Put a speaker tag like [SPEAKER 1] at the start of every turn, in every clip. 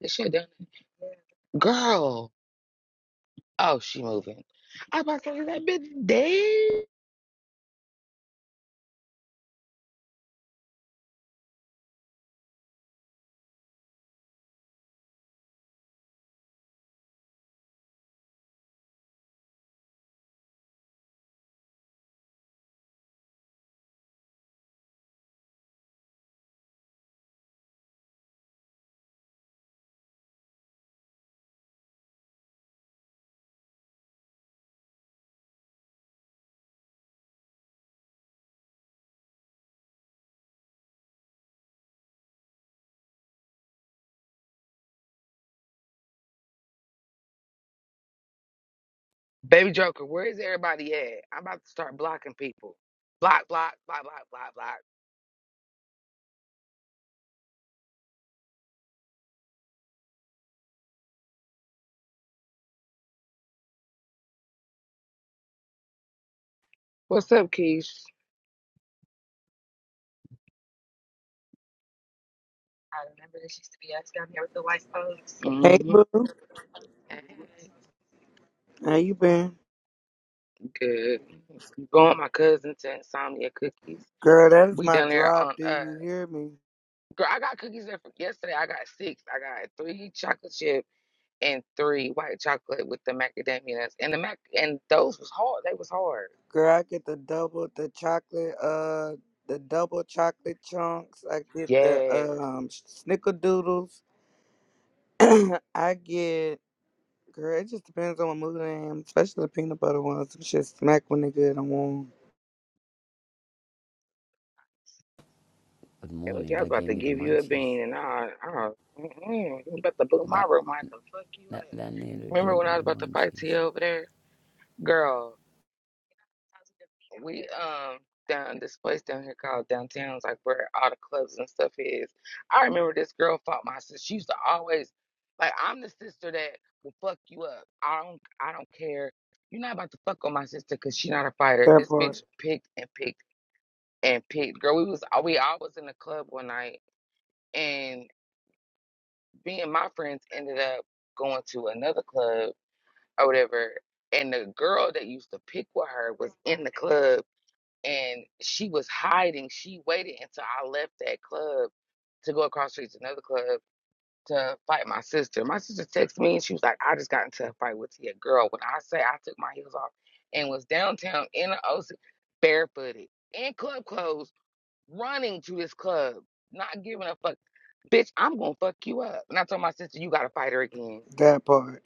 [SPEAKER 1] This shit done. Girl. Oh, she moving. I about to say, is that bitch dead? Baby Joker, where is everybody at? I'm about to start blocking people. Block, block, block, block, block, block. What's up, Keish?
[SPEAKER 2] Hey
[SPEAKER 1] Mm-hmm.
[SPEAKER 2] boo,
[SPEAKER 1] Hey,
[SPEAKER 2] how you been?
[SPEAKER 1] Good. Going with my cousin to Insomnia Cookies.
[SPEAKER 2] Girl, that is
[SPEAKER 1] We
[SPEAKER 2] my
[SPEAKER 1] down there
[SPEAKER 2] drop.
[SPEAKER 1] on
[SPEAKER 2] Do
[SPEAKER 1] uh
[SPEAKER 2] you hear me?
[SPEAKER 1] girl, I got cookies there from yesterday. I got six. I got three chocolate chips. and three white chocolate with the macadamia nuts. And the mac and those was hard. They was hard.
[SPEAKER 2] Girl, I get the double the chocolate uh the double chocolate chunks. I get the
[SPEAKER 1] Yes.
[SPEAKER 2] um snickerdoodles. I get girl, it just depends on what mood I am, especially the peanut butter ones. Some shit smack when they good and warm.
[SPEAKER 3] Good
[SPEAKER 1] Hey, look,
[SPEAKER 3] morning.
[SPEAKER 1] I was
[SPEAKER 3] That
[SPEAKER 1] about
[SPEAKER 3] gave
[SPEAKER 1] to
[SPEAKER 3] me the
[SPEAKER 1] give you a
[SPEAKER 3] munchies.
[SPEAKER 1] bean, and I, I, mm-mm, you about to boot my
[SPEAKER 3] That
[SPEAKER 1] room. I could fuck you up.
[SPEAKER 3] that that nigga
[SPEAKER 1] Remember
[SPEAKER 3] gave
[SPEAKER 1] when
[SPEAKER 3] me
[SPEAKER 1] I was
[SPEAKER 3] the
[SPEAKER 1] about to fight to you
[SPEAKER 3] munchies.
[SPEAKER 1] over there, girl? We um down this place down here called downtown's like where all the clubs and stuff is. I remember this girl fought my sister. She used to always like I'm the sister that will fuck you up. I don't I don't care. You're not about to fuck on my sister because she not a fighter.
[SPEAKER 2] That
[SPEAKER 1] This bitch
[SPEAKER 2] part.
[SPEAKER 1] picked and picked and picked. Girl, we was uh, we all was in the club one night and me and my friends ended up going to another club or whatever. And the girl that used to pick with her was in the club and she was hiding. She waited until I left that club to go across the street to another club to fight my sister. My sister texted me and she was like, I just got into a fight with Tia. Girl, when I say I took my heels off and was downtown in the ocean, barefooted, in club clothes, running to this club, not giving a fuck. Bitch, I'm gonna fuck you up. And I told my sister, you gotta fight her again.
[SPEAKER 2] That part.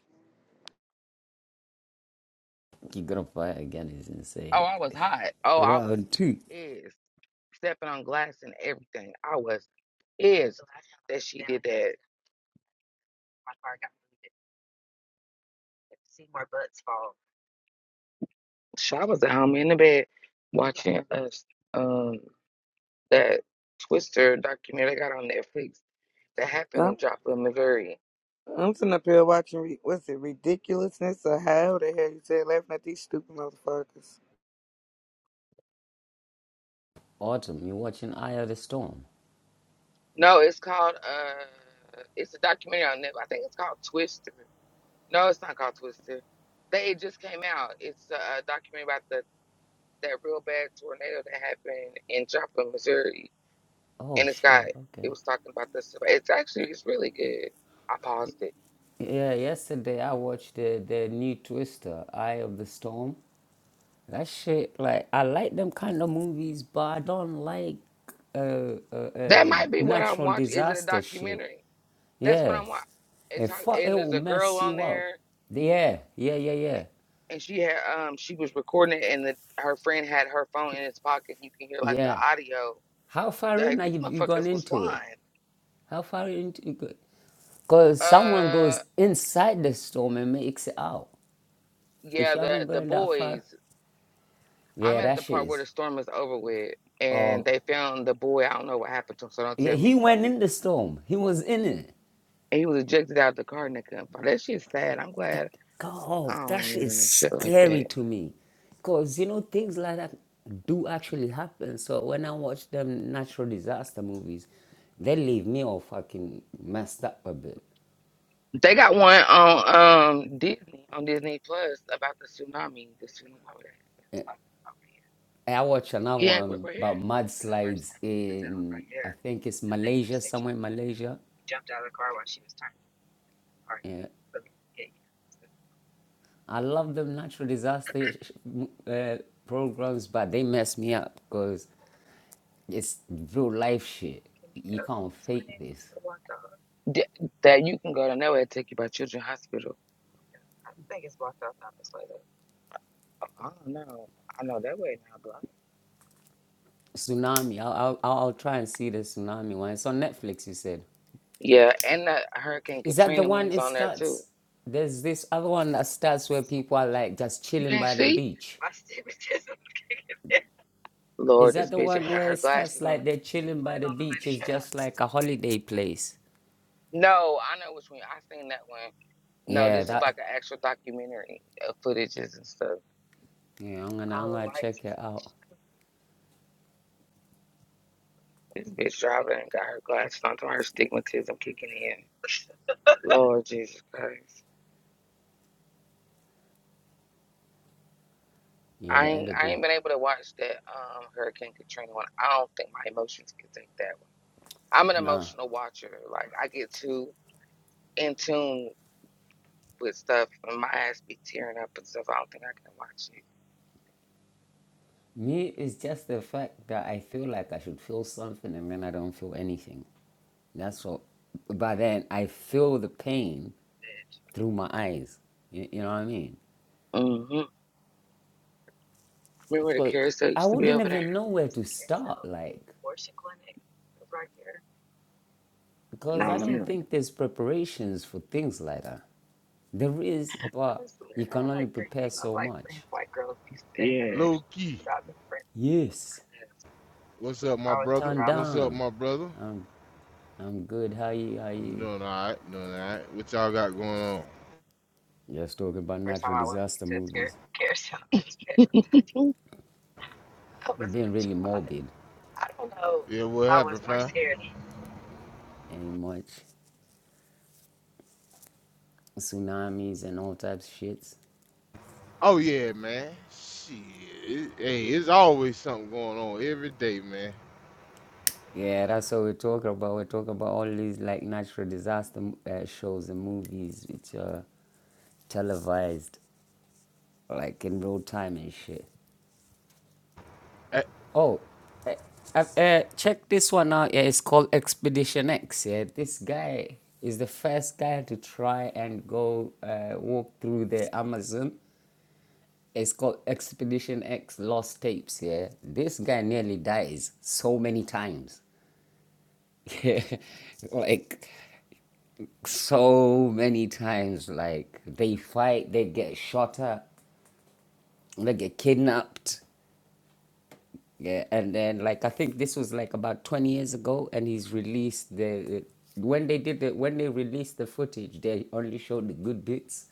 [SPEAKER 3] Keep gonna fly again is
[SPEAKER 1] Oh,
[SPEAKER 3] insane.
[SPEAKER 1] I was hot. Oh, I was
[SPEAKER 3] Round two.
[SPEAKER 1] pissed. Stepping on glass and everything. I was pissed that she did that. So I was at home in the bed watching us um that Twister documentary they got on Netflix that happened in
[SPEAKER 2] I'm,
[SPEAKER 1] Joplin, Missouri.
[SPEAKER 2] I'm sitting up here watching re- what's it, ridiculousness or how the hell you say laughing at these stupid motherfuckers.
[SPEAKER 3] Autumn, you watching Eye of the Storm?
[SPEAKER 1] No, it's called uh it's a documentary on Netflix. I think it's called Twister. No, it's not called Twister. They it just came out. It's a, a documentary about the that real bad tornado that happened in Joplin, Missouri.
[SPEAKER 3] Oh
[SPEAKER 1] And it's got
[SPEAKER 3] shit.
[SPEAKER 1] it
[SPEAKER 3] Okay.
[SPEAKER 1] was talking about this. It's actually it's really good. I paused it.
[SPEAKER 3] Yeah. Yesterday I watched the the new Twister, Eye of the Storm. That shit. Like I like them kind of movies, but I don't like uh, uh,
[SPEAKER 1] That
[SPEAKER 3] uh
[SPEAKER 1] might be what I'm
[SPEAKER 3] natural
[SPEAKER 1] watching. Is it a
[SPEAKER 3] disaster shit.
[SPEAKER 1] documentary? That's what
[SPEAKER 3] Yeah.
[SPEAKER 1] I'm watching. It's
[SPEAKER 3] It fuck, it
[SPEAKER 1] And there's
[SPEAKER 3] will
[SPEAKER 1] a girl
[SPEAKER 3] mess
[SPEAKER 1] on
[SPEAKER 3] you up.
[SPEAKER 1] there,
[SPEAKER 3] Yeah, yeah, yeah, yeah.
[SPEAKER 1] and she had um she was recording it, and the, her friend had her phone in his pocket. You can hear like the
[SPEAKER 3] Yeah.
[SPEAKER 1] audio.
[SPEAKER 3] How far in
[SPEAKER 1] Like
[SPEAKER 3] are
[SPEAKER 1] these
[SPEAKER 3] you, you gone
[SPEAKER 1] motherfuckers was
[SPEAKER 3] into it?
[SPEAKER 1] flying.
[SPEAKER 3] How far into you Because someone
[SPEAKER 1] Uh,
[SPEAKER 3] goes inside the storm and makes it out. If
[SPEAKER 1] yeah,
[SPEAKER 3] you haven't
[SPEAKER 1] the the
[SPEAKER 3] gone that far,
[SPEAKER 1] boys.
[SPEAKER 3] yeah,
[SPEAKER 1] I'm at
[SPEAKER 3] that
[SPEAKER 1] the
[SPEAKER 3] shit
[SPEAKER 1] part where
[SPEAKER 3] is.
[SPEAKER 1] the storm is over with, and
[SPEAKER 3] Oh,
[SPEAKER 1] they found the boy. I don't know what happened to him, so don't
[SPEAKER 3] yeah,
[SPEAKER 1] tell me.
[SPEAKER 3] he went in the storm. He was in it.
[SPEAKER 1] And he was ejected out the car, and they couldn't find. That shit's sad. I'm
[SPEAKER 3] That,
[SPEAKER 1] glad I
[SPEAKER 3] God, that
[SPEAKER 1] don't
[SPEAKER 3] shit
[SPEAKER 1] live
[SPEAKER 3] is
[SPEAKER 1] in shit like
[SPEAKER 3] scary
[SPEAKER 1] that.
[SPEAKER 3] to me. Because, you know, things like that do actually happen. So when I watch them natural disaster movies, they leave me all fucking messed up a bit.
[SPEAKER 1] They got one on um Disney on Disney Plus about the tsunami. The tsunami.
[SPEAKER 3] I watch another
[SPEAKER 1] He we're,
[SPEAKER 3] one
[SPEAKER 1] right here.
[SPEAKER 3] about mudslides in, I think it's Malaysia, somewhere in Malaysia. I love them natural disaster sh- uh, programs, but they mess me up because it's real life shit. You can't fake this.
[SPEAKER 1] Th- That you can go down that way and take you by Children's Hospital. I don't know. I know that way now, bro.
[SPEAKER 3] Tsunami, I'll, I'll, I'll I'll try and see the tsunami one. It's on Netflix, you said.
[SPEAKER 1] Yeah, and the Hurricane
[SPEAKER 3] Is that the
[SPEAKER 1] Katrina
[SPEAKER 3] one
[SPEAKER 1] one's
[SPEAKER 3] it
[SPEAKER 1] on there too.
[SPEAKER 3] starts? There's this other one that starts where people are like just
[SPEAKER 1] You
[SPEAKER 3] chilling
[SPEAKER 1] can't
[SPEAKER 3] by the
[SPEAKER 1] see?
[SPEAKER 3] beach. Is
[SPEAKER 1] Lord,
[SPEAKER 3] that
[SPEAKER 1] this
[SPEAKER 3] the
[SPEAKER 1] bitch
[SPEAKER 3] one
[SPEAKER 1] ain't got
[SPEAKER 3] where
[SPEAKER 1] her
[SPEAKER 3] it starts
[SPEAKER 1] glasses on.
[SPEAKER 3] like they're chilling by the beach? It's just like a holiday place.
[SPEAKER 1] No, I know which one. I seen that one. No,
[SPEAKER 3] Yeah,
[SPEAKER 1] this is
[SPEAKER 3] that.
[SPEAKER 1] like an actual documentary of footages and stuff.
[SPEAKER 3] Yeah, I'm gonna, I'm gonna check it out.
[SPEAKER 1] This bitch driving and got her glasses on, To her stigmatism kicking in. Lord Jesus Christ.
[SPEAKER 3] Yeah,
[SPEAKER 1] I
[SPEAKER 3] the
[SPEAKER 1] ain't I
[SPEAKER 3] edible.
[SPEAKER 1] ain't been able to watch that um Hurricane Katrina one. I don't think my emotions can take that one. I'm an
[SPEAKER 3] Nah.
[SPEAKER 1] emotional watcher. Like I get too in tune with stuff, and my ass be tearing up and stuff. I don't think I can watch
[SPEAKER 3] Me, it's just the fact that I feel like I should feel something and then I don't feel anything. That's what. But then I feel the pain through my eyes. You, you know what I mean?
[SPEAKER 1] it. Mm-hmm. Remember the
[SPEAKER 3] But
[SPEAKER 1] carousel
[SPEAKER 3] I
[SPEAKER 1] used to be
[SPEAKER 3] wouldn't
[SPEAKER 1] over there?
[SPEAKER 3] even know where to start. Like,
[SPEAKER 1] No,
[SPEAKER 3] Because
[SPEAKER 1] I
[SPEAKER 3] I don't
[SPEAKER 1] remember.
[SPEAKER 3] think there's preparations for things like that. There is,
[SPEAKER 1] I
[SPEAKER 3] but
[SPEAKER 1] swear,
[SPEAKER 3] you
[SPEAKER 1] I
[SPEAKER 3] can
[SPEAKER 1] had
[SPEAKER 3] only
[SPEAKER 1] like three
[SPEAKER 3] prepare
[SPEAKER 1] female
[SPEAKER 3] so
[SPEAKER 1] like friends,
[SPEAKER 3] much.
[SPEAKER 1] like girls used to say.
[SPEAKER 4] Low key.
[SPEAKER 3] Yes.
[SPEAKER 4] What's up, my brother?
[SPEAKER 3] Turn
[SPEAKER 4] What's up,
[SPEAKER 3] down.
[SPEAKER 4] my brother?
[SPEAKER 3] I'm I'm good. How you how
[SPEAKER 4] I'm
[SPEAKER 3] you?
[SPEAKER 4] doing all right. Doing all right. What y'all got going on?
[SPEAKER 3] Just talking about natural disaster movies.
[SPEAKER 1] that. Yeah.
[SPEAKER 3] We're being really morbid
[SPEAKER 4] Yeah, what happened, fam?
[SPEAKER 3] and much tsunamis and all types of shits.
[SPEAKER 4] Oh yeah, man. Shit. It- hey, it's always something going on every day, man.
[SPEAKER 3] Yeah, that's what we're talking about. We're talking about all these like natural disaster uh, shows and movies which are televised like in real time and shit.
[SPEAKER 4] Eh,
[SPEAKER 3] Oh, uh, have uh, check this one out. Yeah, it's called Expedition X. Yeah, this guy is the first guy to try and go uh, walk through the Amazon. It's called Expedition X Lost Tapes. Yeah, this guy nearly dies so many times. Yeah, like so many times. Like they fight, they get shot at, they get kidnapped Yeah, and then like I think this was like about 20 years ago, and he's released the when they did the when they released the footage, they only showed the good bits.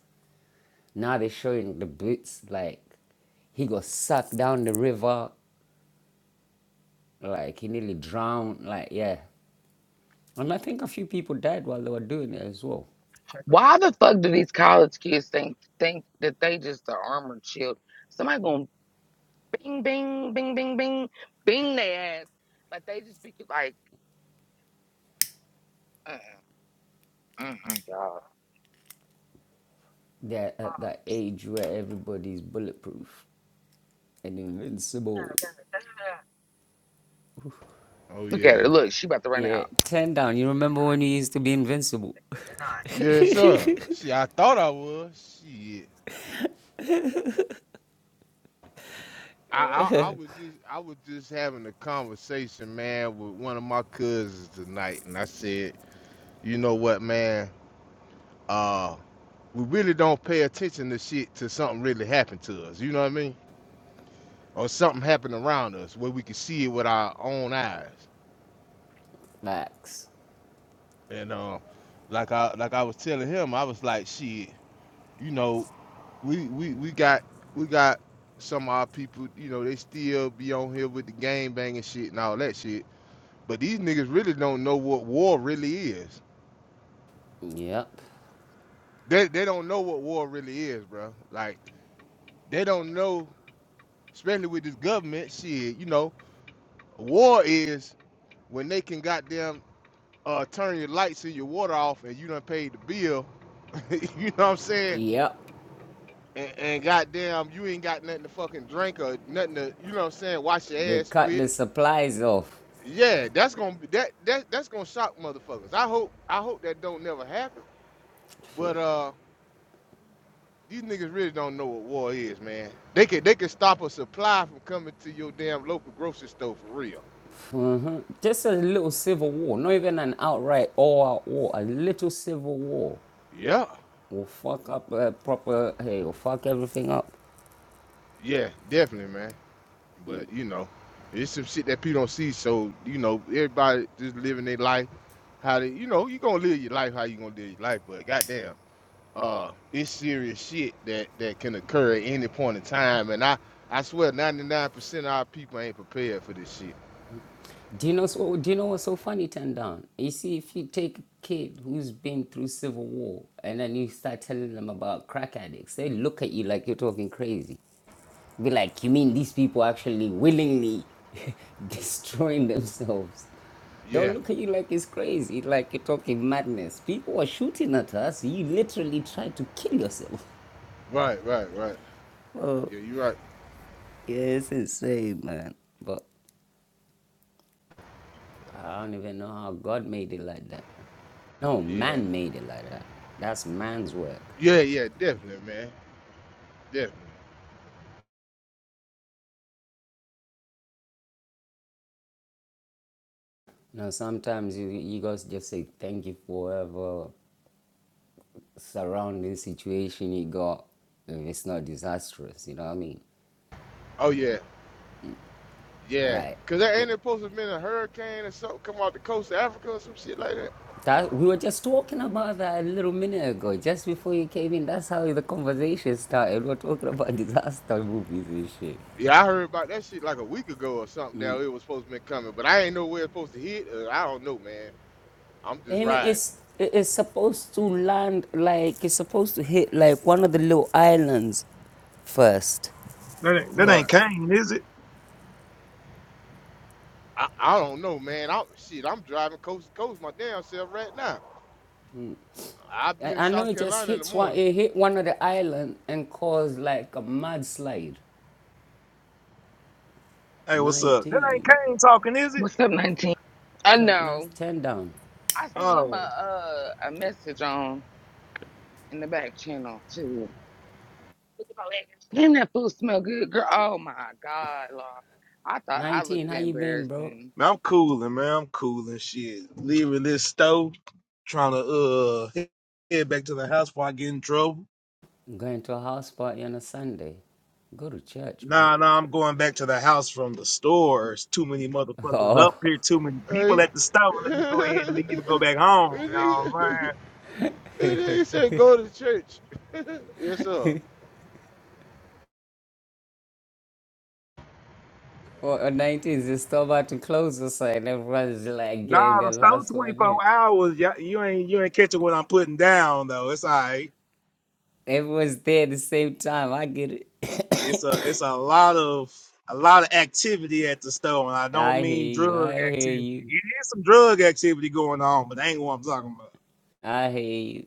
[SPEAKER 3] Now they're showing the bits like he got sucked down the river, like he nearly drowned, like yeah. And I think a few people died while they were doing it as well.
[SPEAKER 1] Why the fuck do these college kids think think that they just the armored shield? Somebody going bing, bing, bing, bing, bing, bing their ass. Like they just be like, uh, uh, uh, y'all.
[SPEAKER 3] They're at that age where everybody's bulletproof and invincible.
[SPEAKER 4] oh
[SPEAKER 1] Look at
[SPEAKER 4] yeah.
[SPEAKER 1] her. Look, she about to run out.
[SPEAKER 3] Yeah, ten down. You remember when you used to be invincible?
[SPEAKER 4] Yeah, sir. See, I thought I was. Shit. I, I I was just I was just having a conversation, man, with one of my cousins tonight, and I said, you know what, man? Uh. we really don't pay attention to shit till something really happened to us. You know what I mean? Or something happened around us where we could see it with our own eyes.
[SPEAKER 3] Max.
[SPEAKER 4] And uh, like I like I was telling him, I was like, shit, you know, we we, we got we got some of our people, you know, they still be on here with the gang banging shit and all that shit. But these niggas really don't know what war really is.
[SPEAKER 3] Yep.
[SPEAKER 4] They they don't know what war really is, bro. Like they don't know, especially with this government shit. You know, war is when they can goddamn uh, turn your lights and your water off and you done paid the bill, you know what I'm saying?
[SPEAKER 3] Yep.
[SPEAKER 4] And, and goddamn, you ain't got nothing to fucking drink or nothing to, you know what I'm saying, wash your
[SPEAKER 3] They
[SPEAKER 4] ass
[SPEAKER 3] cut
[SPEAKER 4] with.
[SPEAKER 3] the supplies off.
[SPEAKER 4] Yeah, that's gonna that that that's gonna shock motherfuckers. I hope I hope that don't never happen. But uh, these niggas really don't know what war is, man. They can they can stop a supply from coming to your damn local grocery store for real.
[SPEAKER 3] hmm Just a little civil war, not even an outright all-out war. A little civil war
[SPEAKER 4] Yeah,
[SPEAKER 3] will fuck up a proper. Hey, will fuck everything up.
[SPEAKER 4] yeah, definitely, man. But you know, it's some shit that people don't see. So you know, everybody just living their life. How they, you know, you gonna live your life how you gonna live your life. But goddamn, uh, it's serious shit that that can occur at any point in time. And I I swear, 99% of our people ain't prepared for this shit.
[SPEAKER 3] Do you know? So, do you know what's so funny, Ten Down? You see, if you take a kid who's been through civil war and then you start telling them about crack addicts, they look at you like you're talking crazy. Be like, you mean these people actually willingly destroying themselves? They'll
[SPEAKER 4] Yeah,
[SPEAKER 3] look at you like it's crazy, like you're talking madness. People are shooting at us. You literally tried to kill yourself.
[SPEAKER 4] right, right, right.
[SPEAKER 3] Oh,
[SPEAKER 4] Yeah, you right.
[SPEAKER 3] yeah, it's insane, man. But I don't even know how God made it like that. No,
[SPEAKER 4] Yeah,
[SPEAKER 3] man made it like that. That's man's work.
[SPEAKER 4] yeah, yeah, definitely, man, definitely.
[SPEAKER 3] You know, sometimes you, you guys just say thank you for whatever surrounding situation you got if it's not disastrous, you know what I mean?
[SPEAKER 4] Oh yeah, yeah.
[SPEAKER 3] Like
[SPEAKER 4] Cause there ain't
[SPEAKER 3] it,
[SPEAKER 4] it supposed to have been a hurricane or something come off the coast of Africa or some shit like that.
[SPEAKER 3] that we were just talking about that a little minute ago, just before you came in. That's how the conversation started. We're talking about disaster movies and shit.
[SPEAKER 4] Yeah, I heard about that shit like a week ago or something. Down it was supposed to be coming, but I ain't know where it's supposed to hit. Uh, I don't know, man. I'm just
[SPEAKER 3] And
[SPEAKER 4] riding.
[SPEAKER 3] it's it's supposed to land like it's supposed to hit like one of the little islands first.
[SPEAKER 5] That ain't, that
[SPEAKER 3] Like,
[SPEAKER 4] Right.
[SPEAKER 5] ain't Kane, is it?
[SPEAKER 4] I, I don't know, man. I shit. I'm driving coast to coast my damn self right now. I'll be
[SPEAKER 3] I
[SPEAKER 4] in
[SPEAKER 3] I know
[SPEAKER 4] South
[SPEAKER 3] it just
[SPEAKER 4] Carolina in the
[SPEAKER 3] hits one.
[SPEAKER 4] morning.
[SPEAKER 3] It hit one of the island and caused like a mudslide.
[SPEAKER 5] Hey, what's up? That ain't
[SPEAKER 3] 19,
[SPEAKER 5] Kane talking, is it?
[SPEAKER 1] What's up, 19? I
[SPEAKER 3] 20, that's
[SPEAKER 1] know.
[SPEAKER 3] 10 down.
[SPEAKER 1] I sent him a
[SPEAKER 5] Oh,
[SPEAKER 1] uh, a message on in the back channel too. Damn, that food smell good, girl. Oh my God, Lord. I thought I
[SPEAKER 3] 19,
[SPEAKER 1] looked
[SPEAKER 3] how you been, bro?
[SPEAKER 1] embarrassing.
[SPEAKER 5] man, I'm cooling, man. I'm cooling. Shit, leaving this stove, trying to uh he- head back to the house before I get in trouble.
[SPEAKER 3] Going to a house party on a Sunday. Go to church, bro.
[SPEAKER 5] Nah, nah, I'm going back to the house from the store. There's too many motherfuckers up here. Too many people
[SPEAKER 4] Hey,
[SPEAKER 5] at the store. Let me go ahead and leave and go
[SPEAKER 4] this
[SPEAKER 5] back home, y'all,
[SPEAKER 4] nigga
[SPEAKER 5] man.
[SPEAKER 4] this nigga said go to church. yes, sir.
[SPEAKER 3] Oh, well, on 19th, they still about to close us, and everyone's like getting
[SPEAKER 5] Nah,
[SPEAKER 3] their
[SPEAKER 5] the
[SPEAKER 3] last
[SPEAKER 5] store
[SPEAKER 3] one in.
[SPEAKER 5] 24 hours. Y'all, you ain't you ain't catching what I'm putting down though. It's all right.
[SPEAKER 3] Everyone's there at the same time. I get it.
[SPEAKER 5] It's a it's a lot of a lot of activity at the store, and I don't
[SPEAKER 3] I
[SPEAKER 5] mean
[SPEAKER 3] hear you.
[SPEAKER 5] drug
[SPEAKER 3] I hear
[SPEAKER 5] activity.
[SPEAKER 3] you.
[SPEAKER 5] It is some drug activity going on, but that ain't what I'm talking about.
[SPEAKER 3] I hear you.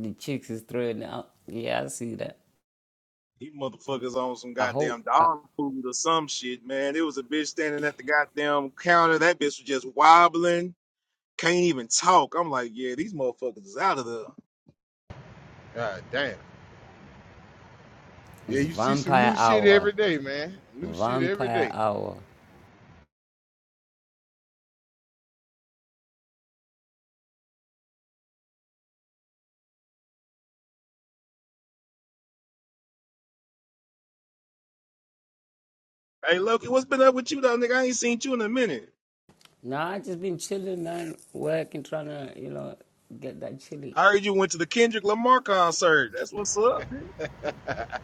[SPEAKER 3] The chicks is throwing out. Yeah, I see that.
[SPEAKER 5] These motherfuckers on some
[SPEAKER 3] I hope
[SPEAKER 5] goddamn
[SPEAKER 3] I,
[SPEAKER 5] dog food or some shit, man. It was a bitch standing at the goddamn counter. That bitch was just wobbling, can't even talk. I'm like, yeah, these motherfuckers is out of there.
[SPEAKER 4] God damn. Yeah,
[SPEAKER 3] it's
[SPEAKER 4] you see some
[SPEAKER 3] vampire
[SPEAKER 4] new shit
[SPEAKER 3] hour.
[SPEAKER 4] every day, man. New shit every
[SPEAKER 3] Vampire
[SPEAKER 4] day.
[SPEAKER 3] hour.
[SPEAKER 5] Hey, Loki, what's been up with you though, nigga? I ain't seen you in a minute.
[SPEAKER 3] Nah, I just been chilling, man. Working, trying to, you know, get that chili.
[SPEAKER 5] I heard you went to the Kendrick Lamar concert. That's what's up. nigga.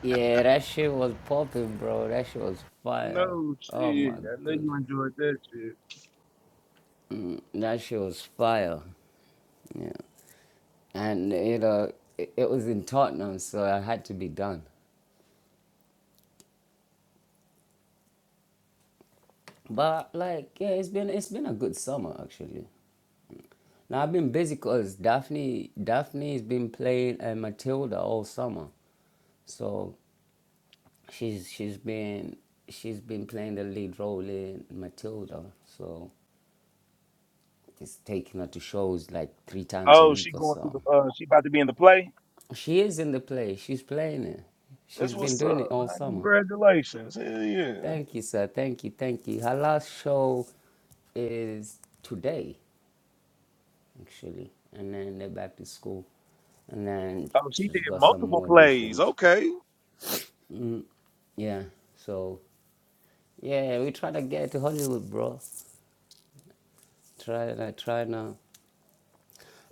[SPEAKER 3] Yeah, that shit was popping, bro. That shit was
[SPEAKER 5] I
[SPEAKER 3] fire.
[SPEAKER 5] know,
[SPEAKER 3] Oh
[SPEAKER 5] shit.
[SPEAKER 3] my
[SPEAKER 5] I know you
[SPEAKER 3] goodness,
[SPEAKER 5] enjoyed that shit.
[SPEAKER 3] that shit was fire. Yeah, and you know it, it was in Tottenham, so I had to be done. But like, yeah, it's been it's been a good summer actually. Now I've been busy cause Daphne Daphne's been playing uh, Matilda all summer, so she's she's been she's been playing the lead role in Matilda. So it's taking her to shows like three times a
[SPEAKER 5] Oh,
[SPEAKER 3] week
[SPEAKER 5] she
[SPEAKER 3] or
[SPEAKER 5] going through
[SPEAKER 3] so.
[SPEAKER 5] the. Uh, she about to be in the play.
[SPEAKER 3] She is in the play. She's playing it. She's
[SPEAKER 5] That's
[SPEAKER 3] been
[SPEAKER 5] what's up,
[SPEAKER 3] doing it all
[SPEAKER 5] man.
[SPEAKER 3] summer.
[SPEAKER 5] Congratulations. Hell yeah.
[SPEAKER 3] Thank you, sir. Thank you. Thank you. Her last show is today, actually. And then they're back to school. And then
[SPEAKER 5] Oh, she
[SPEAKER 3] she's
[SPEAKER 5] did
[SPEAKER 3] got some
[SPEAKER 5] multiple
[SPEAKER 3] more
[SPEAKER 5] plays.
[SPEAKER 3] auditions.
[SPEAKER 5] Okay,
[SPEAKER 3] Yeah. So, yeah, we try to get to Hollywood, bro. Try to, try now.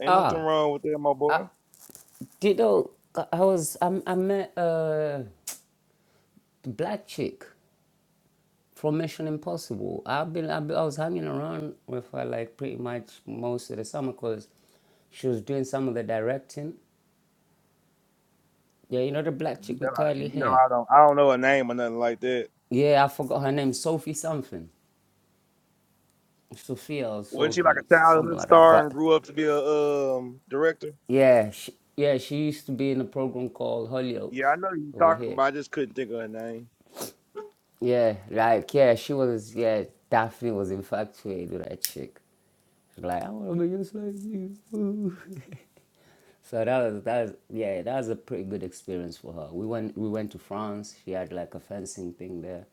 [SPEAKER 5] ain't nothing
[SPEAKER 3] Ah,
[SPEAKER 5] wrong with that, my boy.
[SPEAKER 3] Dido, I was, I, I met a black chick. from Mission Impossible. I've been, I've been I was hanging around with her like pretty much most of the summer because she was doing some of the directing. Yeah, you know the black
[SPEAKER 5] You
[SPEAKER 3] chick
[SPEAKER 5] know,
[SPEAKER 3] with
[SPEAKER 5] I,
[SPEAKER 3] curly
[SPEAKER 5] you know,
[SPEAKER 3] hair.
[SPEAKER 5] I don't, I don't know her name or nothing like that.
[SPEAKER 3] Yeah, I forgot her name, Sophie something, Sophia or
[SPEAKER 5] Wasn't she like
[SPEAKER 3] Sophie,
[SPEAKER 5] a
[SPEAKER 3] something
[SPEAKER 5] childhood
[SPEAKER 3] like that.
[SPEAKER 5] star and
[SPEAKER 3] But
[SPEAKER 5] grew up to be a um director?
[SPEAKER 3] yeah, she, yeah, she used to be in a program called Hollyoaks
[SPEAKER 5] Yeah, I know who you
[SPEAKER 3] over
[SPEAKER 5] talking
[SPEAKER 3] here.
[SPEAKER 5] about. I just couldn't think of her name.
[SPEAKER 3] Yeah, like yeah, she was yeah, Daphne was infatuated with that chick. She's like, I wanna be just like you. Ooh. So that was that was yeah, that was a pretty good experience for her. We went we went to France. She had like a fencing thing there.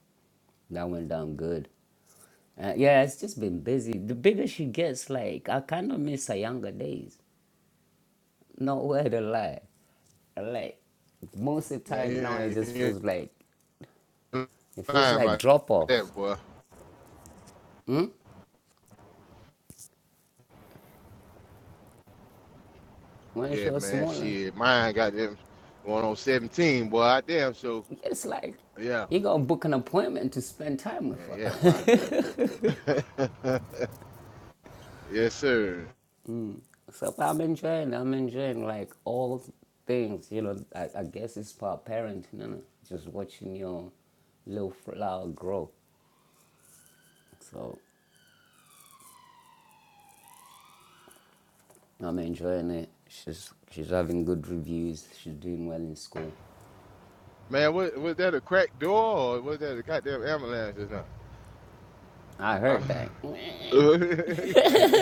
[SPEAKER 3] That went down good. Uh, yeah, it's just been busy. The bigger she gets, like I kind of miss her younger days. Nowhere to lie. Like most of the time now, it
[SPEAKER 4] Man,
[SPEAKER 3] just
[SPEAKER 4] yeah,
[SPEAKER 3] feels like
[SPEAKER 4] yeah.
[SPEAKER 3] it feels
[SPEAKER 4] lying
[SPEAKER 3] like
[SPEAKER 4] about
[SPEAKER 3] drop offs.
[SPEAKER 4] that, boy.
[SPEAKER 3] When she
[SPEAKER 4] Yeah,
[SPEAKER 3] was
[SPEAKER 4] man.
[SPEAKER 3] smaller,
[SPEAKER 4] Shit, mine got them going on 17, boy. I damn so.
[SPEAKER 3] It's like
[SPEAKER 4] Yeah,
[SPEAKER 3] you gonna book an appointment to spend time with
[SPEAKER 4] yeah,
[SPEAKER 3] her.
[SPEAKER 4] yeah, boy. yes, sir.
[SPEAKER 3] so I'm enjoying, I'm enjoying like all things. You know, I, I guess it's part parenting, you know, just watching your little flower grow. So I'm enjoying it. She's she's having good reviews. She's doing well in school.
[SPEAKER 4] Man, was, was that a cracked door or was that a goddamn ambulance or
[SPEAKER 3] I heard that.
[SPEAKER 4] something?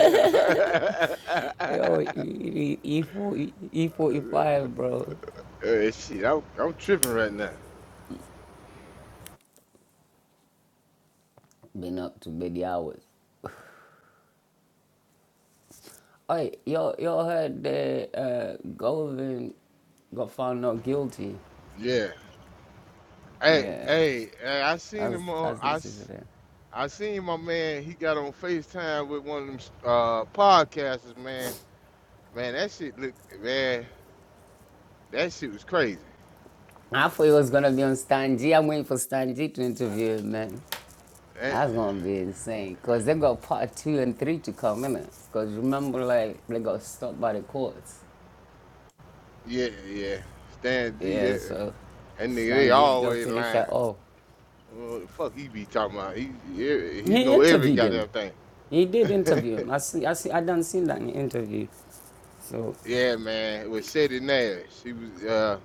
[SPEAKER 3] Yo,
[SPEAKER 4] damn.
[SPEAKER 3] E4, E45, bro.
[SPEAKER 4] Uh, shit, I'm, I'm tripping right now.
[SPEAKER 3] Been up to many hours. Hey, y'all, y'all heard that uh, Golden got found not guilty.
[SPEAKER 4] Yeah. Hey,
[SPEAKER 3] Yeah,
[SPEAKER 4] hey, hey, I
[SPEAKER 3] I
[SPEAKER 4] seen
[SPEAKER 3] was,
[SPEAKER 4] him
[SPEAKER 3] I
[SPEAKER 4] on.
[SPEAKER 3] was
[SPEAKER 4] I,
[SPEAKER 3] listening to
[SPEAKER 4] s-
[SPEAKER 3] that.
[SPEAKER 4] I seen my man. He got on Facetime with one of them uh, podcasters, man. Man, that shit look man, that shit was crazy.
[SPEAKER 3] I thought he was gonna be on Stan G. I'm waiting for Stan G to interview him, man.
[SPEAKER 4] That,
[SPEAKER 3] That's gonna be insane, cause they got part two and three to come in it. Cause remember, like they got stopped by the courts.
[SPEAKER 4] yeah, yeah. Stan G,
[SPEAKER 3] Yeah,
[SPEAKER 4] yeah.
[SPEAKER 3] so
[SPEAKER 4] That nigga, they
[SPEAKER 3] Stan G's gonna
[SPEAKER 4] always
[SPEAKER 3] finish
[SPEAKER 4] lying.
[SPEAKER 3] that off.
[SPEAKER 4] What the fuck he be talking about? He he, he
[SPEAKER 3] He
[SPEAKER 4] know every
[SPEAKER 3] interviewed him.
[SPEAKER 4] goddamn
[SPEAKER 3] He did
[SPEAKER 4] thing.
[SPEAKER 3] interview him. I see. I see. I done seen that in the interview. So
[SPEAKER 4] yeah, man. It was Shetty Nash. He was uh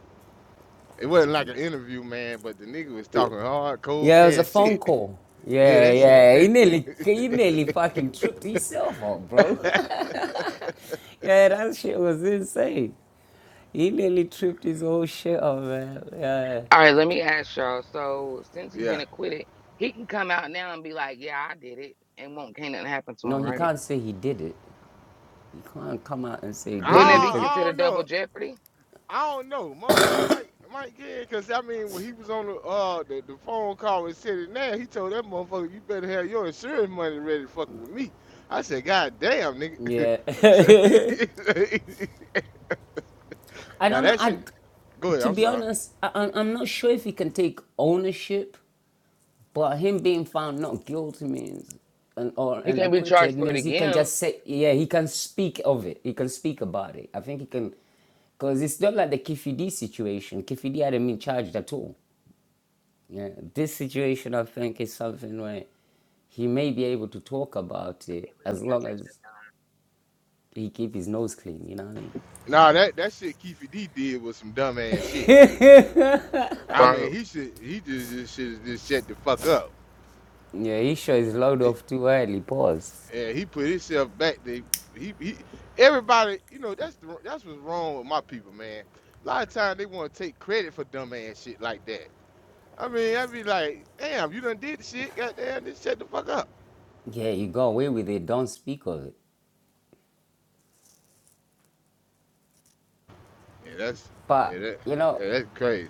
[SPEAKER 4] it wasn't like an interview, man, but the nigga was talking hard, cold
[SPEAKER 3] Yeah, it was a
[SPEAKER 4] cash
[SPEAKER 3] phone
[SPEAKER 4] shit.
[SPEAKER 3] call.
[SPEAKER 4] Yeah,
[SPEAKER 3] Yeah,
[SPEAKER 4] that
[SPEAKER 3] yeah. He
[SPEAKER 4] shit.
[SPEAKER 3] nearly he nearly fucking tripped himself up, bro. yeah, that shit was insane. He nearly tripped his whole shit up, man. Yeah.
[SPEAKER 1] All right, let me ask y'all. So since he been
[SPEAKER 4] yeah.
[SPEAKER 1] acquitted, he can come out now and be like, "Yeah, I did it," and won't can't nothing happen to him,
[SPEAKER 3] No, he
[SPEAKER 1] right?
[SPEAKER 3] can't say he did it. He can't come out and say he
[SPEAKER 4] I
[SPEAKER 3] did
[SPEAKER 1] Wouldn't
[SPEAKER 3] it.
[SPEAKER 1] that
[SPEAKER 3] He
[SPEAKER 1] be
[SPEAKER 4] don't,
[SPEAKER 3] could
[SPEAKER 4] I don't
[SPEAKER 1] considered
[SPEAKER 4] know.
[SPEAKER 1] double jeopardy?
[SPEAKER 4] I don't know, motherfucker Mike Mike Ken, cause I mean when he was on the uh the, the phone call with City now, he told that motherfucker you better have your insurance money ready to fucking with me. I said, God damn nigga.
[SPEAKER 3] Yeah.
[SPEAKER 4] so
[SPEAKER 3] I
[SPEAKER 4] now
[SPEAKER 3] don't know.
[SPEAKER 4] that shit
[SPEAKER 3] I
[SPEAKER 4] go ahead,
[SPEAKER 3] to
[SPEAKER 4] I'm
[SPEAKER 3] be
[SPEAKER 4] sorry.
[SPEAKER 3] honest, I, I'm I'm not sure if he can take ownership But him being found not guilty means, and or
[SPEAKER 1] He
[SPEAKER 3] and
[SPEAKER 1] can't be charged
[SPEAKER 3] acquitted
[SPEAKER 1] for it
[SPEAKER 3] means he can
[SPEAKER 1] again.
[SPEAKER 3] just say, yeah, he can speak of it. He can speak about it. I think he can, because it's not like the Kifidi situation. Kifidi hadn't been charged at all. Yeah, this situation I think is something where he may be able to talk about it as long as he keep his nose clean. You know what I mean?
[SPEAKER 4] Nah that, that shit Keefy D did was some dumb ass shit. I
[SPEAKER 1] Right.
[SPEAKER 4] mean he should he just, just should just shut the fuck up.
[SPEAKER 3] Yeah, he sure is load
[SPEAKER 4] He,
[SPEAKER 3] off too early. Pause.
[SPEAKER 4] and he put himself back there. He, he everybody, you know, that's the, that's what's wrong with my people, man. A lot of times they want to take credit for dumb ass shit like that. I mean, i be like, damn, you done did the shit, goddamn, just shut the fuck up.
[SPEAKER 3] Yeah, you go away with it. Don't speak of it.
[SPEAKER 4] Yeah, that's yeah,
[SPEAKER 3] But
[SPEAKER 4] that,
[SPEAKER 3] you know.
[SPEAKER 4] yeah, that's crazy,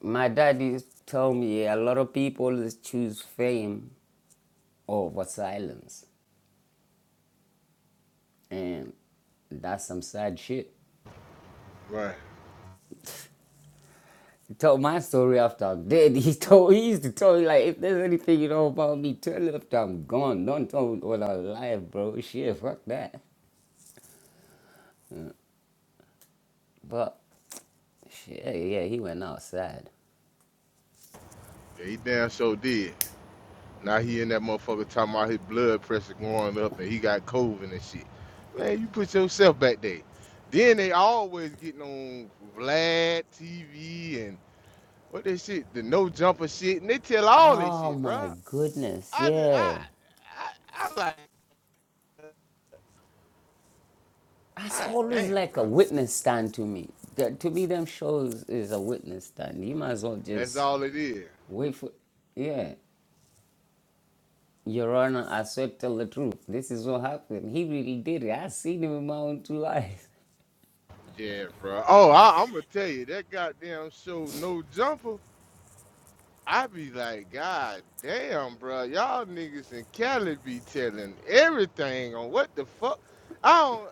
[SPEAKER 3] My daddy told me a lot of people choose fame over silence, and that's some sad shit.
[SPEAKER 4] right?
[SPEAKER 3] He told my story after I'm dead. He told he used to tell me like if there's anything you know about me, tell it after I'm gone. Don't tell it when I'm alive, bro. Shit, fuck that. But shit, yeah, he went outside.
[SPEAKER 4] Yeah, he damn sure did. Now he in that motherfucker talking about his blood pressure going up and he got COVID and shit. Man, you put yourself back there. Then they always getting on Vlad TV and What they shit? The no jumper shit, and they tell all this
[SPEAKER 3] Oh
[SPEAKER 4] shit,
[SPEAKER 3] my
[SPEAKER 4] bro.
[SPEAKER 3] goodness,
[SPEAKER 4] I just, I,
[SPEAKER 3] yeah.
[SPEAKER 4] I, I like,
[SPEAKER 3] That's
[SPEAKER 4] ah,
[SPEAKER 3] always
[SPEAKER 4] damn,
[SPEAKER 3] like
[SPEAKER 4] bro.
[SPEAKER 3] a witness stand to me. That, to me, them shows is a witness stand. You might as well
[SPEAKER 4] That's
[SPEAKER 3] just
[SPEAKER 4] all it is.
[SPEAKER 3] Wait for, yeah, Your Honor, I swear tell the truth. This is what happened. He really did it. I seen him in my own two eyes.
[SPEAKER 4] Yeah, bro. Oh, I, I'm gonna tell you that goddamn show, no jumper. I be like, God damn, bro. Y'all niggas in Cali be telling everything on what the fuck. I don't.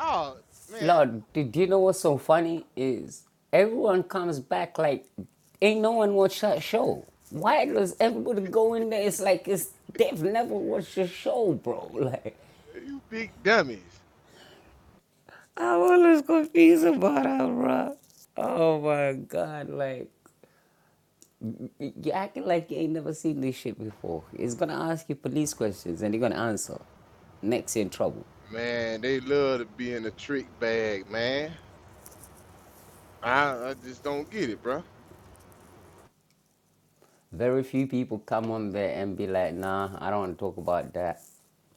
[SPEAKER 4] Oh man,
[SPEAKER 3] Lord, did you know what's so funny is everyone comes back like ain't no one watched that show. Why does everybody go in there? It's like it's they've never watched the show, bro. Like
[SPEAKER 4] you big dummies.
[SPEAKER 3] I'm always confused about that, bro. Oh my god, like. You you acting like you ain't never seen this shit before. It's gonna ask you police questions and you're gonna answer. Next you're in trouble.
[SPEAKER 4] Man, they love to be in a trick bag, man. I, I just don't get it, bro.
[SPEAKER 3] Very few people come on there and be like, nah, I don't wanna talk about that.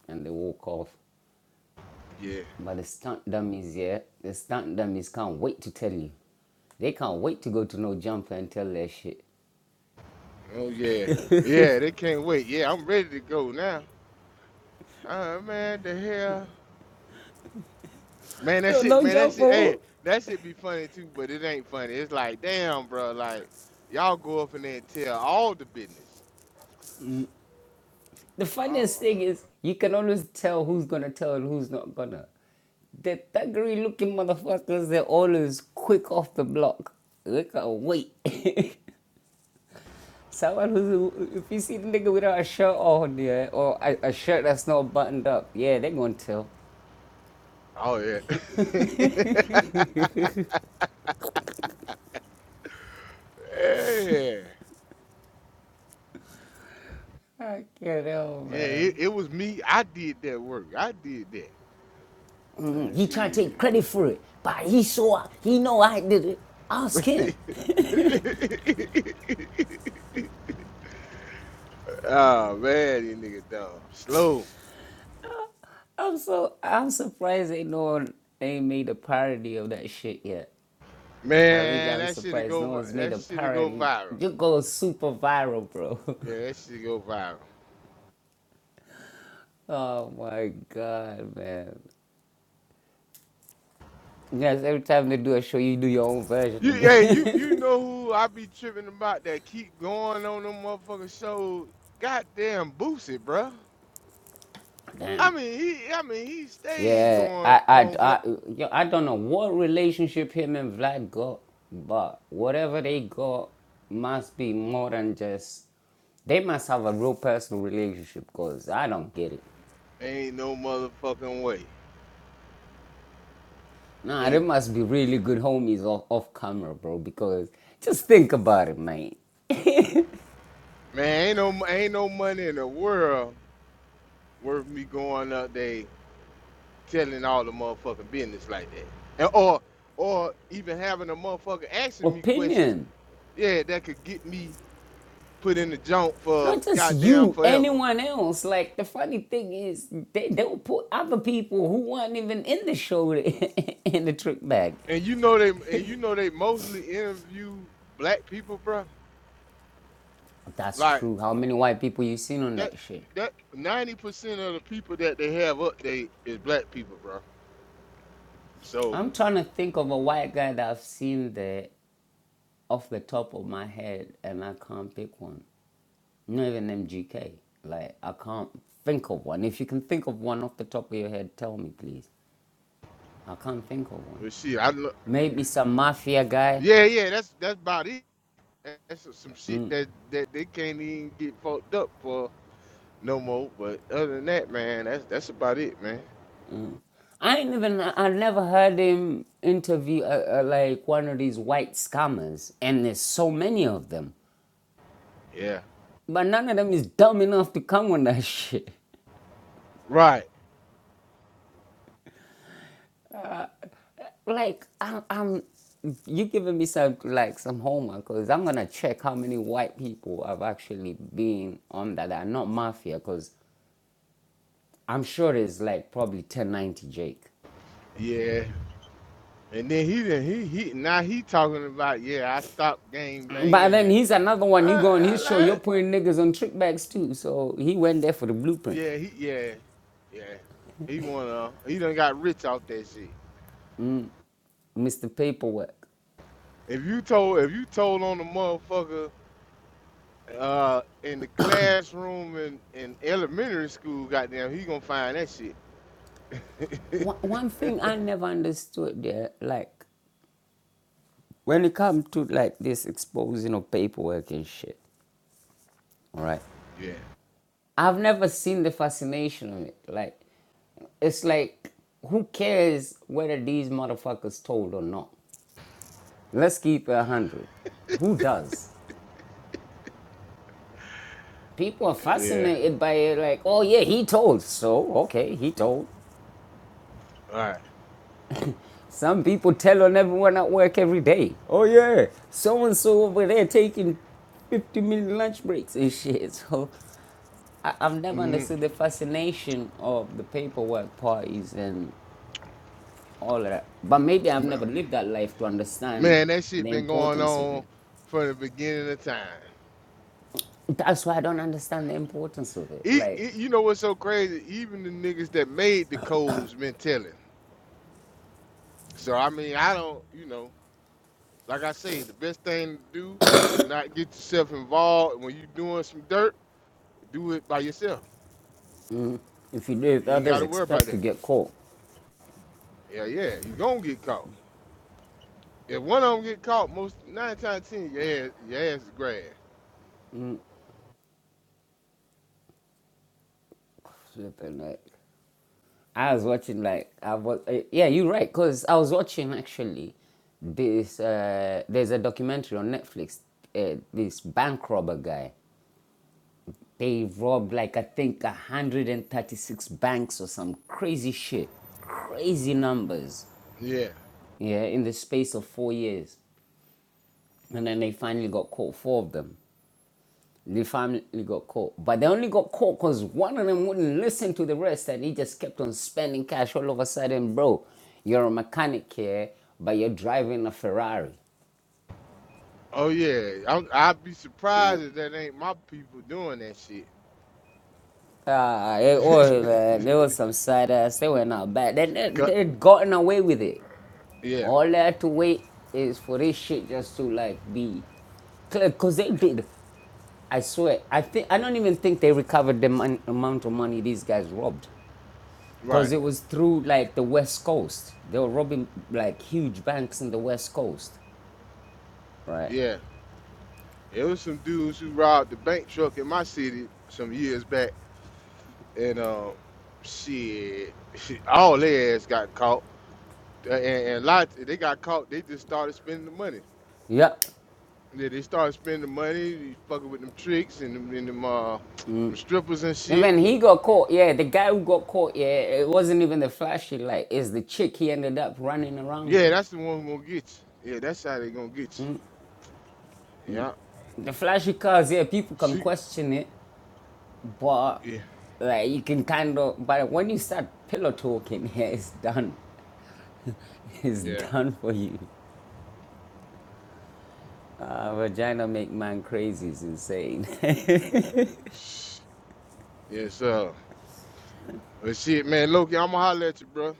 [SPEAKER 3] And they walk off.
[SPEAKER 4] Yeah.
[SPEAKER 3] But the stunt dummies, yeah, the stunt dummies can't wait to tell you. They can't wait to go to No Jumper and tell their shit.
[SPEAKER 4] Oh yeah, yeah. They can't wait. Yeah, I'm ready to go now. Ah man, the hell, man. That
[SPEAKER 3] Yo,
[SPEAKER 4] shit,
[SPEAKER 3] No
[SPEAKER 4] man. That shit. Hey,
[SPEAKER 3] Jumper.
[SPEAKER 4] that shit be funny too, but it ain't funny. It's like, damn, bro. Like, y'all go up in there and tell all the business.
[SPEAKER 3] The
[SPEAKER 4] Oh,
[SPEAKER 3] funniest thing is you can always tell who's gonna tell and who's not gonna. The thuggery looking motherfuckers, they're always quick off the block. They can't wait. Someone who's, if you see the nigga without a shirt on, yeah, or a, a shirt that's not buttoned up, yeah, they're gonna tell.
[SPEAKER 4] oh yeah. yeah,
[SPEAKER 3] I can't help,
[SPEAKER 4] yeah. It,
[SPEAKER 3] man.
[SPEAKER 4] it was me. I did that work. I did that.
[SPEAKER 3] Mm,
[SPEAKER 4] Like,
[SPEAKER 3] he trying
[SPEAKER 4] yeah.
[SPEAKER 3] to take credit for it, but he saw, he know I did it. Ask him.
[SPEAKER 4] oh man, these niggas dumb. Slow.
[SPEAKER 3] I'm so I'm surprised ain't no one ain't made a parody of that shit yet. I really
[SPEAKER 4] Man,
[SPEAKER 3] am
[SPEAKER 4] that shit'll
[SPEAKER 3] surprised
[SPEAKER 4] go.
[SPEAKER 3] no one's made
[SPEAKER 4] That
[SPEAKER 3] a
[SPEAKER 4] shit'll go
[SPEAKER 3] parody.
[SPEAKER 4] viral.
[SPEAKER 3] You go super viral, bro.
[SPEAKER 4] Yeah, that shit'll go viral.
[SPEAKER 3] oh my god, man. Yes, every time they do a show, you do your own version
[SPEAKER 4] You,
[SPEAKER 3] of
[SPEAKER 4] hey, you, you
[SPEAKER 3] it.
[SPEAKER 4] know who I be tripping about that keep going on them motherfucking shows? Goddamn Boosie, bruh. I
[SPEAKER 3] Damn.
[SPEAKER 4] mean, he, I mean, he stayed
[SPEAKER 3] Yeah,
[SPEAKER 4] going
[SPEAKER 3] I, I,
[SPEAKER 4] on. Vla-
[SPEAKER 3] I, yo, I don't know what relationship him and Vlad got, but whatever they got must be more than just. They must have a real personal relationship, cause I don't get it.
[SPEAKER 4] Ain't no motherfucking way.
[SPEAKER 3] Nah,
[SPEAKER 4] And
[SPEAKER 3] they
[SPEAKER 4] it-
[SPEAKER 3] must be really good homies off, off camera, bro, because just think about it, man.
[SPEAKER 4] man, ain't no, ain't no money in the world worth me going up there telling all the motherfucking business like that, and or, or even having a motherfucker asking me questions
[SPEAKER 3] Opinion.
[SPEAKER 4] yeah, that could get me put in the junk for
[SPEAKER 3] Not just
[SPEAKER 4] goddamn
[SPEAKER 3] you,
[SPEAKER 4] forever.
[SPEAKER 3] anyone else. Like, the funny thing is, they, they'll put other people who weren't even in the show in the trick bag.
[SPEAKER 4] And you know they and you know they mostly interview black people, bro.
[SPEAKER 3] That's
[SPEAKER 4] Like
[SPEAKER 3] true. How many white people you seen on
[SPEAKER 4] that
[SPEAKER 3] that shit?
[SPEAKER 4] that ninety percent of the people that they have up there is black people, bro. So
[SPEAKER 3] I'm trying to think of a white guy that I've seen there off the top of my head, and I can't pick one. Not even MGK. Like I can't think of one. If you can think of one off the top of your head, tell me please. I can't think of one.
[SPEAKER 4] well, shit, I look.
[SPEAKER 3] Maybe some mafia guy.
[SPEAKER 4] Yeah, yeah, that's that's about it. That's some shit that that they can't even get fucked up for no more. But other than that, man, that's that's about it, man.
[SPEAKER 3] I ain't even. I never heard him interview uh, uh, like one of these white scammers, and there's so many of them.
[SPEAKER 4] Yeah.
[SPEAKER 3] But none of them is dumb enough to come on that shit.
[SPEAKER 4] Right.
[SPEAKER 3] Like I'm, I'm you giving me some like some homework because I'm gonna check how many white people have actually been on that are not mafia because I'm sure it's like probably 1090 Jake.
[SPEAKER 4] Yeah. And then he did he he now he talking about yeah I stopped gang
[SPEAKER 3] But
[SPEAKER 4] banging
[SPEAKER 3] then
[SPEAKER 4] and
[SPEAKER 3] he's another
[SPEAKER 4] uh,
[SPEAKER 3] one. You go on
[SPEAKER 4] uh,
[SPEAKER 3] his show, you're
[SPEAKER 4] like,
[SPEAKER 3] putting niggas on trick bags too. So he went there for the blueprint,
[SPEAKER 4] yeah he yeah yeah he wanna he done got rich off that shit.
[SPEAKER 3] Mr. Paperwork.
[SPEAKER 4] If you told if you told on the motherfucker uh in the classroom in, in elementary school, goddamn he gonna find that shit.
[SPEAKER 3] One, one thing I never understood there, like when it comes to like this exposing of paperwork and shit, all right?
[SPEAKER 4] yeah
[SPEAKER 3] I've never seen the fascination of it. Like, it's like, who cares whether these motherfuckers told or not? Let's keep it 100. Who does? people are
[SPEAKER 4] yeah
[SPEAKER 3] fascinated by it like oh yeah he told so okay he told
[SPEAKER 4] all right.
[SPEAKER 3] some people tell on everyone at work every day oh yeah so and so over there taking 50 minute lunch breaks and shit so I, i've never
[SPEAKER 4] Mhm.
[SPEAKER 3] understood the fascination of the paperwork parties and all of that but maybe i've never lived that life to understand
[SPEAKER 4] man that shit
[SPEAKER 3] the
[SPEAKER 4] been going
[SPEAKER 3] importance of
[SPEAKER 4] on
[SPEAKER 3] it
[SPEAKER 4] from the beginning of time.
[SPEAKER 3] that's why i don't understand the importance of it
[SPEAKER 4] It,
[SPEAKER 3] like
[SPEAKER 4] it, you know what's so crazy? Even the niggas that made the codes been telling. So I mean, I don't, you know, like I say, the best thing to do is not get yourself involved. When you doing some dirt, do it by yourself.
[SPEAKER 3] if you do it
[SPEAKER 4] You ain't got
[SPEAKER 3] others
[SPEAKER 4] to worry about
[SPEAKER 3] expect to
[SPEAKER 4] that.
[SPEAKER 3] get caught
[SPEAKER 4] Yeah, yeah, you gonna get caught. If one of them get caught, most nine times ten, your ass, your ass is grass.
[SPEAKER 3] Flipping, like I was watching like I was uh, yeah you're right because I was watching actually this uh, there's a documentary on Netflix uh, this bank robber guy they robbed like I think 136 banks or some crazy shit crazy numbers
[SPEAKER 4] Yeah.
[SPEAKER 3] yeah in the space of four years and then they finally got caught four of them The family got caught. But they only got caught because one of them wouldn't listen to the rest and he just kept on spending cash all of a sudden, bro. You're a mechanic here, but you're driving a Ferrari.
[SPEAKER 4] Oh yeah. I'm, I'd be
[SPEAKER 3] Yeah.
[SPEAKER 4] surprised if that ain't my people doing that shit.
[SPEAKER 3] Ah, it was, man, there was some side ass. They were not bad. They, they, they'd gotten away with it.
[SPEAKER 4] yeah.
[SPEAKER 3] All they had to wait is for this shit just to like be clear. because they did. I swear, I think I don't even think they recovered the mon- amount of money these guys robbed. because
[SPEAKER 4] Right.
[SPEAKER 3] it was through like the west coast they were robbing like huge banks in the west coast right
[SPEAKER 4] Yeah. It was some dudes who robbed the bank truck in my city some years back, and um, shit, all their ass got caught. Uh, And, and lots, they got caught. They just started spending the money.
[SPEAKER 3] yeah
[SPEAKER 4] Yeah, they started spending the money, fucking with them tricks and them, and them, uh, them strippers and
[SPEAKER 3] and
[SPEAKER 4] shit.
[SPEAKER 3] then he got caught yeah the guy who got caught yeah it wasn't even the flashy light it's the chick he ended up running around
[SPEAKER 4] Yeah,
[SPEAKER 3] with
[SPEAKER 4] that's the one who gonna get you. Yeah, that's how they gonna get you. Yeah,
[SPEAKER 3] the flashy cars yeah people can
[SPEAKER 4] she,
[SPEAKER 3] question it but
[SPEAKER 4] yeah,
[SPEAKER 3] like you can kind of but when you start pillow talking yeah it's done it's
[SPEAKER 4] yeah,
[SPEAKER 3] done for you uh, vagina make man crazy is insane
[SPEAKER 4] Yeah. So, but shit, man, Loki, I'ma holler at you, bro.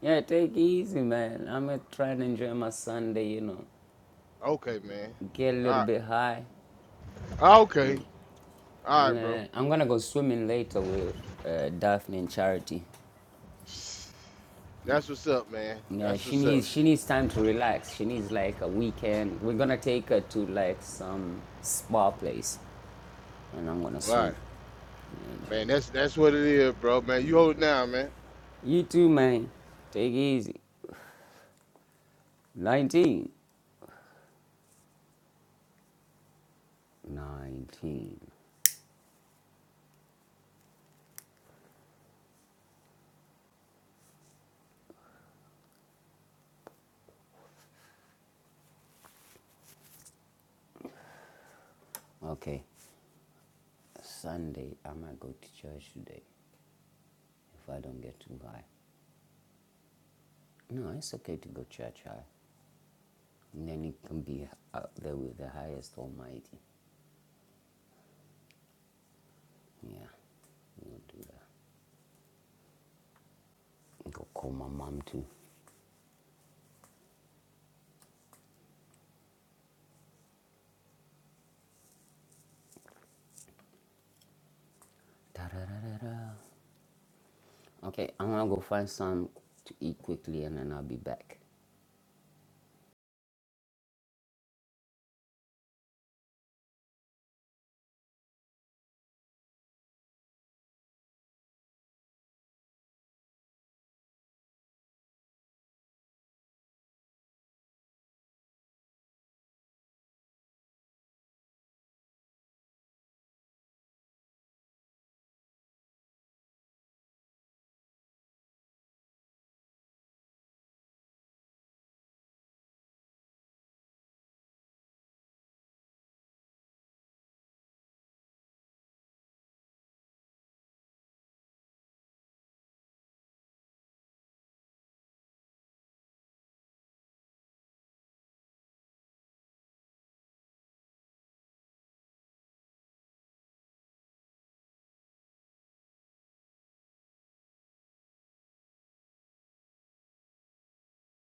[SPEAKER 3] Yeah, take it easy, man. I'm uh, trying to enjoy my Sunday, you know,
[SPEAKER 4] Okay, man.
[SPEAKER 3] get a little
[SPEAKER 4] All
[SPEAKER 3] bit high.
[SPEAKER 4] right, okay, all
[SPEAKER 3] And
[SPEAKER 4] right, bro.
[SPEAKER 3] uh, I'm gonna go swimming later with uh, Daphne and Charity.
[SPEAKER 4] That's what's up, man.
[SPEAKER 3] Yeah,
[SPEAKER 4] That's
[SPEAKER 3] she
[SPEAKER 4] what's up.
[SPEAKER 3] needs she needs time to relax. She needs like a weekend. We're gonna take her to like some spa place, and I'm gonna
[SPEAKER 4] All
[SPEAKER 3] swim.
[SPEAKER 4] right,
[SPEAKER 3] Yeah, man.
[SPEAKER 4] Man, that's that's what it is, bro. Man, you hold it down, man.
[SPEAKER 3] You too, man. Take it easy. 19. 19. Okay. Sunday, I might go to church today if I don't get too high. No, it's okay to go church high. And then you can be out there with the highest almighty. Yeah, you'll do that. Go call my mom too. da da da da Okay, I'm gonna go find some to eat quickly and then I'll be back.